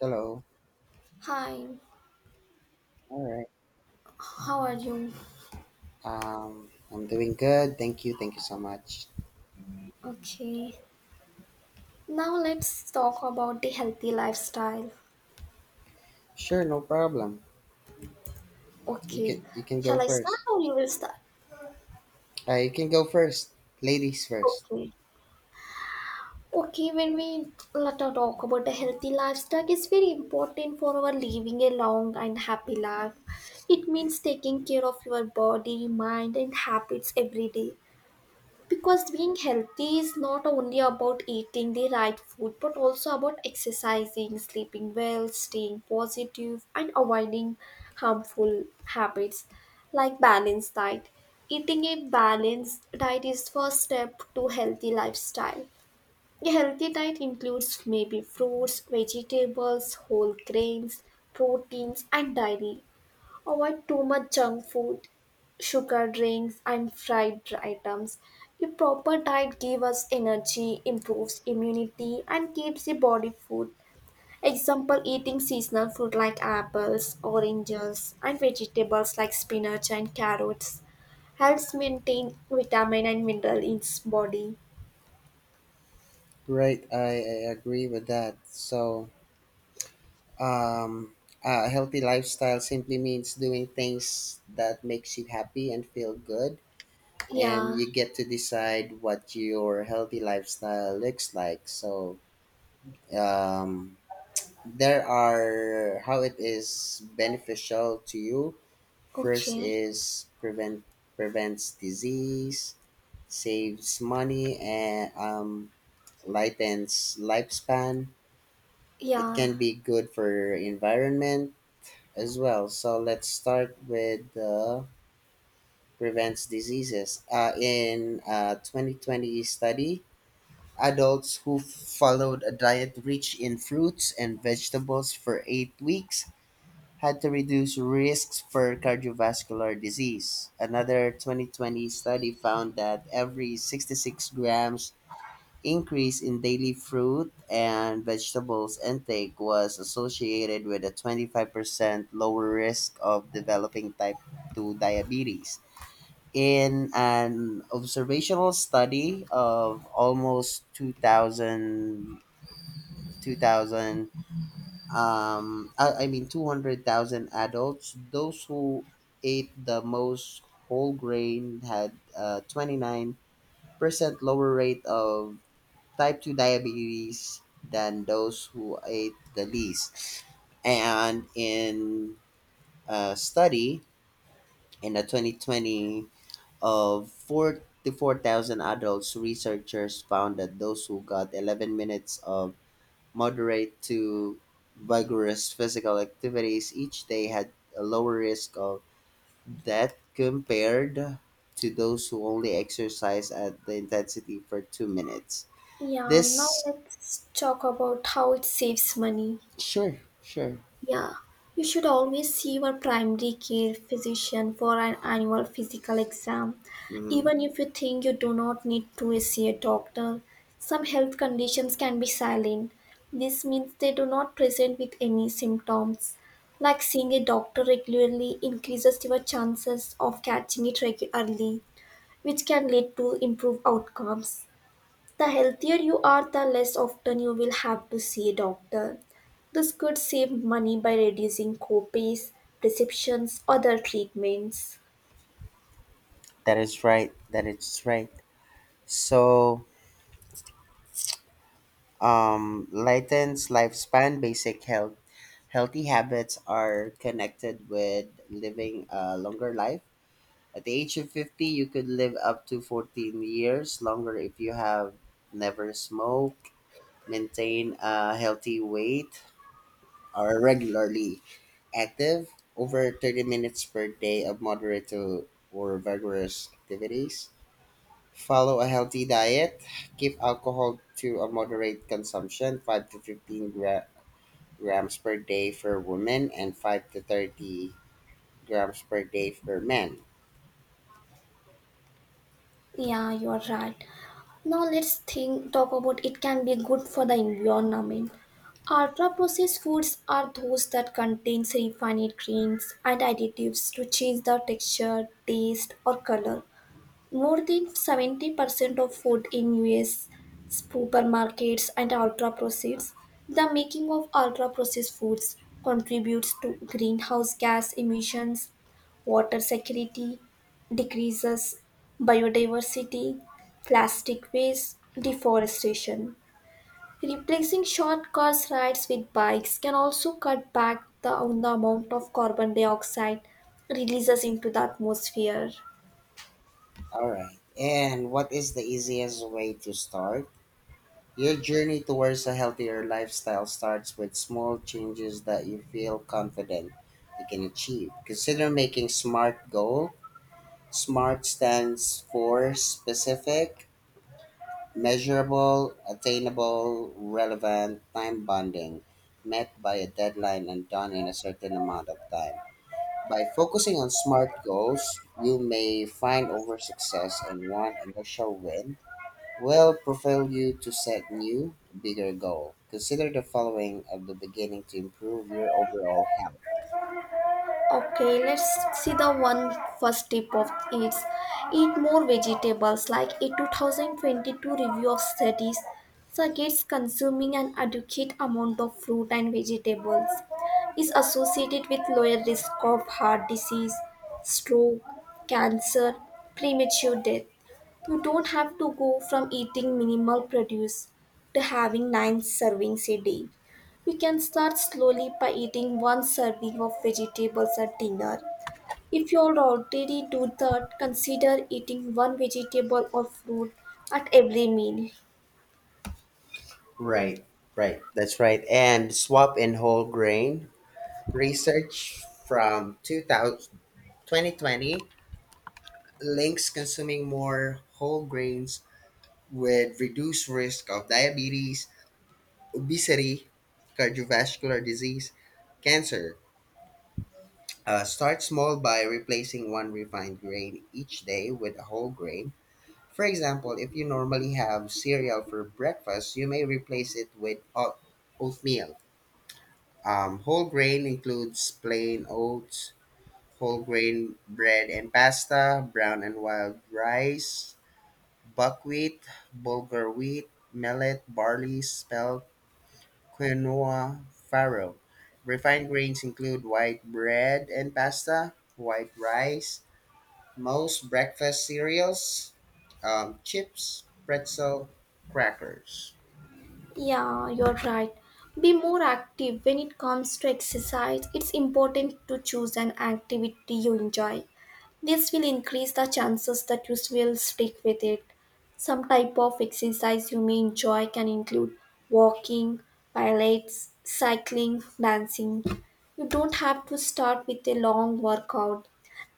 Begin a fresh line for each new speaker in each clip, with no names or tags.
Hello.
Hi,
All right.
how are you?
I'm doing good. Thank you. Thank you so much.
Okay, now let's talk about the healthy lifestyle.
Sure, no problem. You
Okay,
can you can go
shall I start
first.
or you will start?
You can go first. Ladies first.
Okay, okay, when we let us talk about the healthy lifestyle. It's very important for our living a long and happy life. It means taking care of your body, mind, and habits every day, because being healthy is not only about eating the right food but also about exercising, sleeping well, staying positive, and avoiding harmful habits, like balanced diet. Eating a balanced diet is first step to healthy lifestyle. A healthy diet includes maybe fruits, vegetables, whole grains, proteins, and dairy. Avoid too much junk food, sugar drinks, and fried items. A proper diet gives us energy, improves immunity, and keeps the body full. Example, eating seasonal fruit like apples, oranges, and vegetables like spinach and carrots helps maintain vitamin and mineral in body.
Right. I agree with that. So, um, a healthy lifestyle simply means doing things that makes you happy and feel good, and
Yeah,
you get to decide what your healthy lifestyle looks like. So, um, there are how it is beneficial to you. First
okay.
is prevents disease, saves money, and lightens lifespan. It
Yeah,
can be good for environment as well. So let's start with the prevents diseases. In a 2020 study, adults who followed a diet rich in fruits and vegetables for 8 weeks had to reduce risks for cardiovascular disease. Another 2020 study found that every 66 grams increase in daily fruit and vegetables intake was associated with a 25% lower risk of developing type 2 diabetes. In an observational study of almost 2,000 2,000 I mean 200,000 adults, those who ate the most whole grain had a 29% lower rate of type 2 diabetes than those who ate the least, and in a study in the 2020 of 44,000 adults, researchers found that those who got 11 minutes of moderate to vigorous physical activities each day had a lower risk of death compared to those who only exercise at the intensity for 2 minutes.
yeah. Now
This,
let's talk about how it saves money.
sure, sure.
Yeah, you should always see your primary care physician for an annual physical exam.
Mhm.
Even if you think you do not need to see a doctor, some health conditions can be silent. This means they do not present with any symptoms. Like, seeing a doctor regularly increases your chances of catching it early, which can lead to improved outcomes. The healthier you are, the less often you will have to see a doctor. This could save money by reducing copays, prescriptions, other treatments.
That is right. That is right. So, lightens lifespan, basic health. Healthy habits are connected with living a longer life. At the age of 50, you could live up to 14 years longer if you have never smoked, maintain a healthy weight, are regularly active, over 30 minutes per day of moderate to or vigorous activities, follow a healthy diet, keep alcohol to a moderate consumption, 5 to 15 grams per day for women and 5 to 30 grams per day for men.
Yeah, you're right. Now let's think talk about it can be good for the environment. Ultra processed foods are those that contain refined grains and additives to change the texture, taste or color. More than 70% of food in US supermarkets and ultra processed. The making of ultra processed foods contributes to greenhouse gas emissions, water security, decreases biodiversity, plastic waste, deforestation. Replacing short car rides with bikes can also cut back on the amount of carbon dioxide releases into the atmosphere.
All right. And what is the easiest way to start? Your journey towards a healthier lifestyle starts with small changes that you feel confident you can achieve. Consider making SMART goal. SMART stands for specific, measurable, attainable, relevant, time bonding, met by a deadline and done in a certain amount of time. By focusing on SMART goals, you may find over success in one initial win will propel you to set new, bigger goal. Consider the following at the beginning to improve your overall health.
Okay, let's see the one first tip of it's, eat more vegetables. Like a 2022 review of studies suggests consuming an adequate amount of fruit and vegetables is associated with lower risk of heart disease, stroke, cancer, premature death. You don't have to go from eating minimal produce to having nine servings a day. You can start slowly by eating one serving of vegetables at dinner. If you already do that, consider eating one vegetable or fruit at every meal.
Right, right. That's right. And swap in whole grain research from two thousand twenty twenty links consuming more whole grains with reduced risk of diabetes, obesity, cardiovascular disease, cancer. Start small by replacing one refined grain each day with a whole grain. For example, if you normally have cereal for breakfast, you may replace it with oatmeal. Whole grain includes plain oats, whole grain bread and pasta, brown and wild rice, buckwheat, bulgur wheat, millet, barley, spelt, quinoa, farro. Refined grains include white bread and pasta, white rice, most breakfast cereals, chips, pretzel, crackers.
Yeah, you're right. Be more active when it comes to exercise. It's important to choose an activity you enjoy. This will increase the chances that you will stick with it. Some type of exercise you may enjoy can include walking, pilates, cycling, dancing. You don't have to start with a long workout.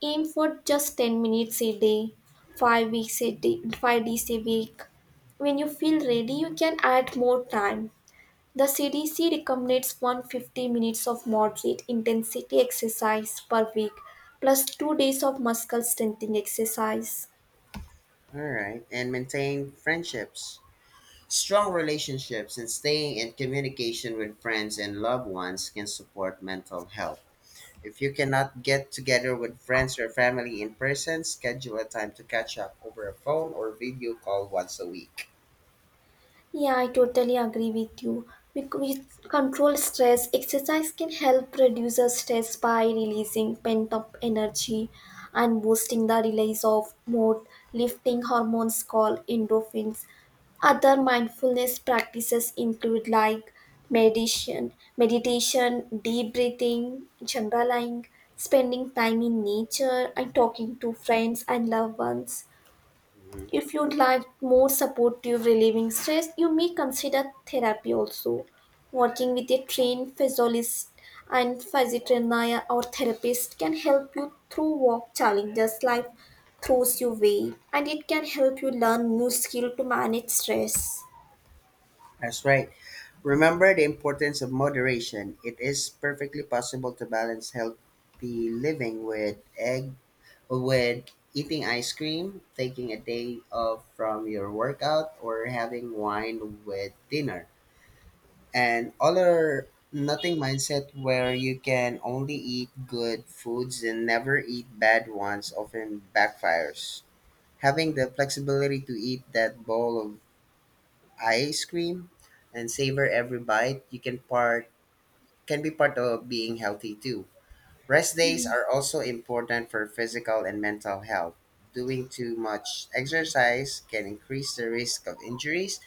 Aim for just 10 minutes a day, 5 weeks a day, 5 days a week. When you feel ready, you can add more time. The CDC recommends 150 minutes of moderate intensity exercise per week plus 2 days of muscle strengthening exercise.
All right, and maintain friendships. Strong relationships and staying in communication with friends and loved ones can support mental health. If you cannot get together with friends or family in person, schedule a time to catch up over a phone or video call once a week.
Yeah, I totally agree with you. Because with control stress, exercise can help reduce the stress by releasing pent up energy and boosting the release of mood lifting hormones called endorphins. Other mindfulness practices include, like, meditation, deep breathing, journaling, spending time in nature, and talking to friends and loved ones.
Mhm.
If you'd like more supportive relieving stress, you may consider therapy also. Working with a trained physiologist and physiotherapist or therapist can help you through work challenges life throws your way, and it can help you learn new skill to manage stress.
That's right. Remember the importance of moderation. It is perfectly possible to balance healthy living with egg with eating ice cream, taking a day off from your workout, or having wine with dinner. And all or nothing mindset where you can only eat good foods and never eat bad ones often backfires. Having the flexibility to eat that bowl of ice cream and savor every bite, you can be part of being healthy too. Rest days are also important for physical and mental health. Doing too much exercise can increase the risk of injuries,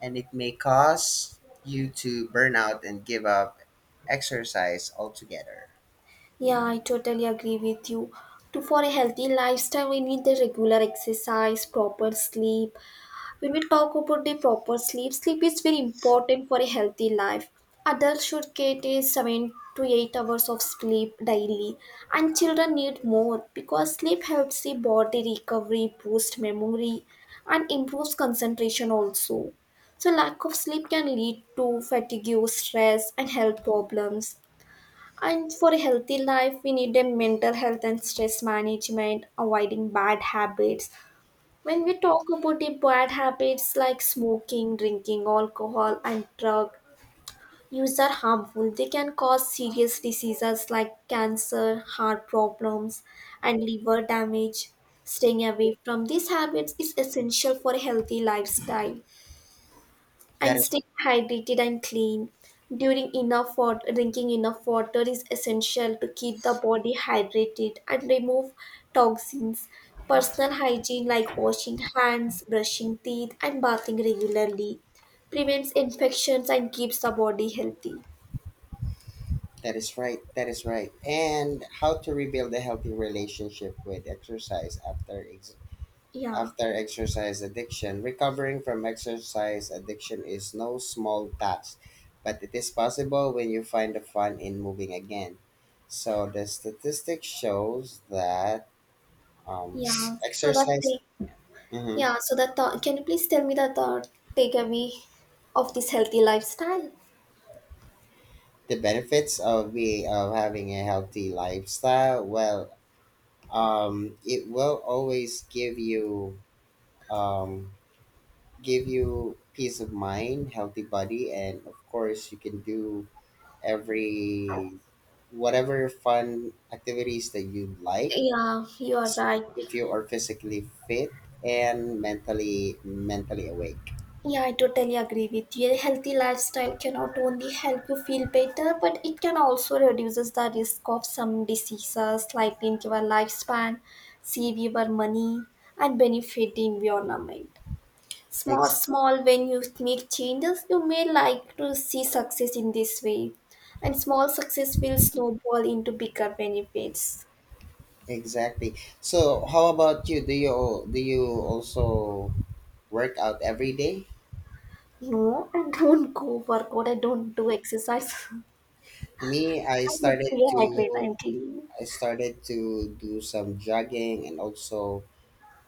and it may cause you to burn out and give up exercise altogether.
Yeah, I totally agree with you. To for a healthy lifestyle, we need the regular exercise, proper sleep. When we talk about the proper sleep, sleep is very important for a healthy life. Adults should get a 7 to 8 hours of sleep daily, and children need more, because sleep helps the body recovery, boost memory, and improves concentration also. So, lack of sleep can lead to fatigue, stress, and health problems. And for a healthy life, we need a mental health and stress management, avoiding bad habits. When we talk about the bad habits like smoking, drinking alcohol, and drug use are harmful, they can cause serious diseases like cancer, heart problems, and liver damage. Staying away from these habits is essential for a healthy lifestyle,
That
and stay
is
hydrated and clean during enough water. Drinking enough water is essential to keep the body hydrated and remove toxins. Personal hygiene like washing hands, brushing teeth, and bathing regularly prevents infections and keeps the body healthy.
that is right. That is right. And how to rebuild a healthy relationship with exercise?
yeah
After exercise addiction, recovering from exercise addiction is no small task, but it is possible when you find the fun in moving again. So the statistics shows that um,
yeah so that
exercise.
take
Mhm.
yeah so that th- can you please tell me the third takeaway of this healthy lifestyle?
The benefits of be of having a healthy lifestyle. Well, it will always um, give you peace of mind, healthy body, and of course you can do every whatever fun activities that you like
Yeah, you are right.
if you are physically fit and mentally awake.
Yeah, I totally agree with you. A healthy lifestyle cannot only help you feel better, but it can also reduces the risk of some diseases like in your lifespan, save your money, and benefit the environment. Small,
Ex-
small. When you make changes, you may like to see success in this way, and small success will snowball into bigger benefits.
exactly, so how about you? Do you also work out every day?
No, I don't go workout. I don't do exercise.
Me, i
I just stay
started to
hydrated. I'm clean.
i started to do some jogging and also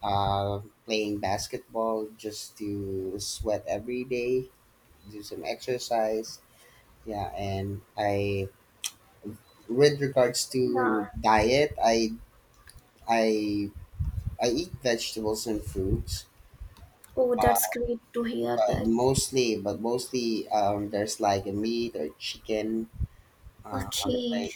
playing basketball just to sweat every day, do some exercise. Yeah, and I, with regards
Yeah.
to diet, I I eat vegetables and fruits,
Oh, that's great to hear
but
that.
mostly there's like a meat or chicken on the
Okay.
plate.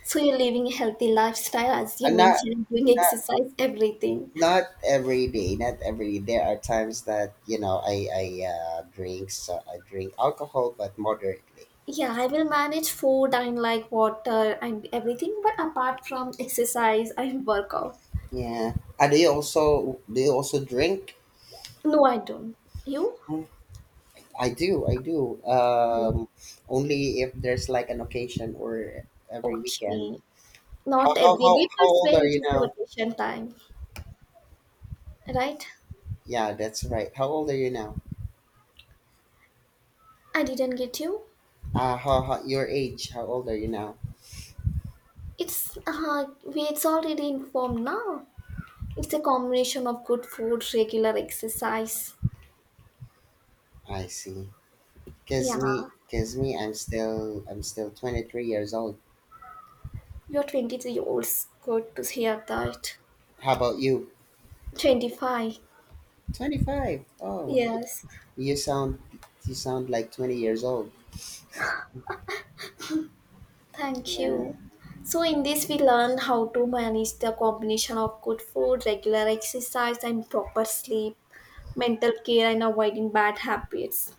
So you're living a healthy lifestyle as you
And
mentioned, doing
not
exercise, everything.
not every day. There are times that I drink so I drink alcohol, but moderately.
Yeah, I will manage food and like water and everything, but apart from exercise, I work out.
Yeah. And do you also drink?
No, I don't. You?
I do, I do.
Mm.
Only if there's like an occasion or every weekend.
Okay.
How,
Not
how,
every
how,
day,
how
but
old
when
are
it
you
is the
now?
vacation time, right?
Yeah, that's right. How old are you now?
I didn't get you.
Your age, how old are you now?
It's already informed now. It's a combination of good food, regular exercise.
I see. Cause
Yeah.
me, cause me, I'm still 23 years old.
You are 23 years. Good to hear that.
How about you?
25.
25. Oh,
Yes.
you sound, you sound like 20 years old.
Thank
Yeah,
you. So in this we learn how to manage the combination of good food, regular exercise and proper sleep, mental care and avoiding bad habits.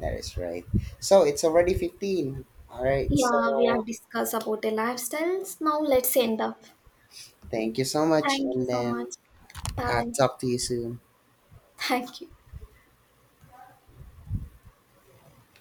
that is right. So it's already 15. All right.
Yeah, we have
So
discussed about the lifestyles. Now let's end up.
thank you so much.
Thank
And
you so
then
much.
อาจจ
Bye.
บทีสิ่ง
Thank you.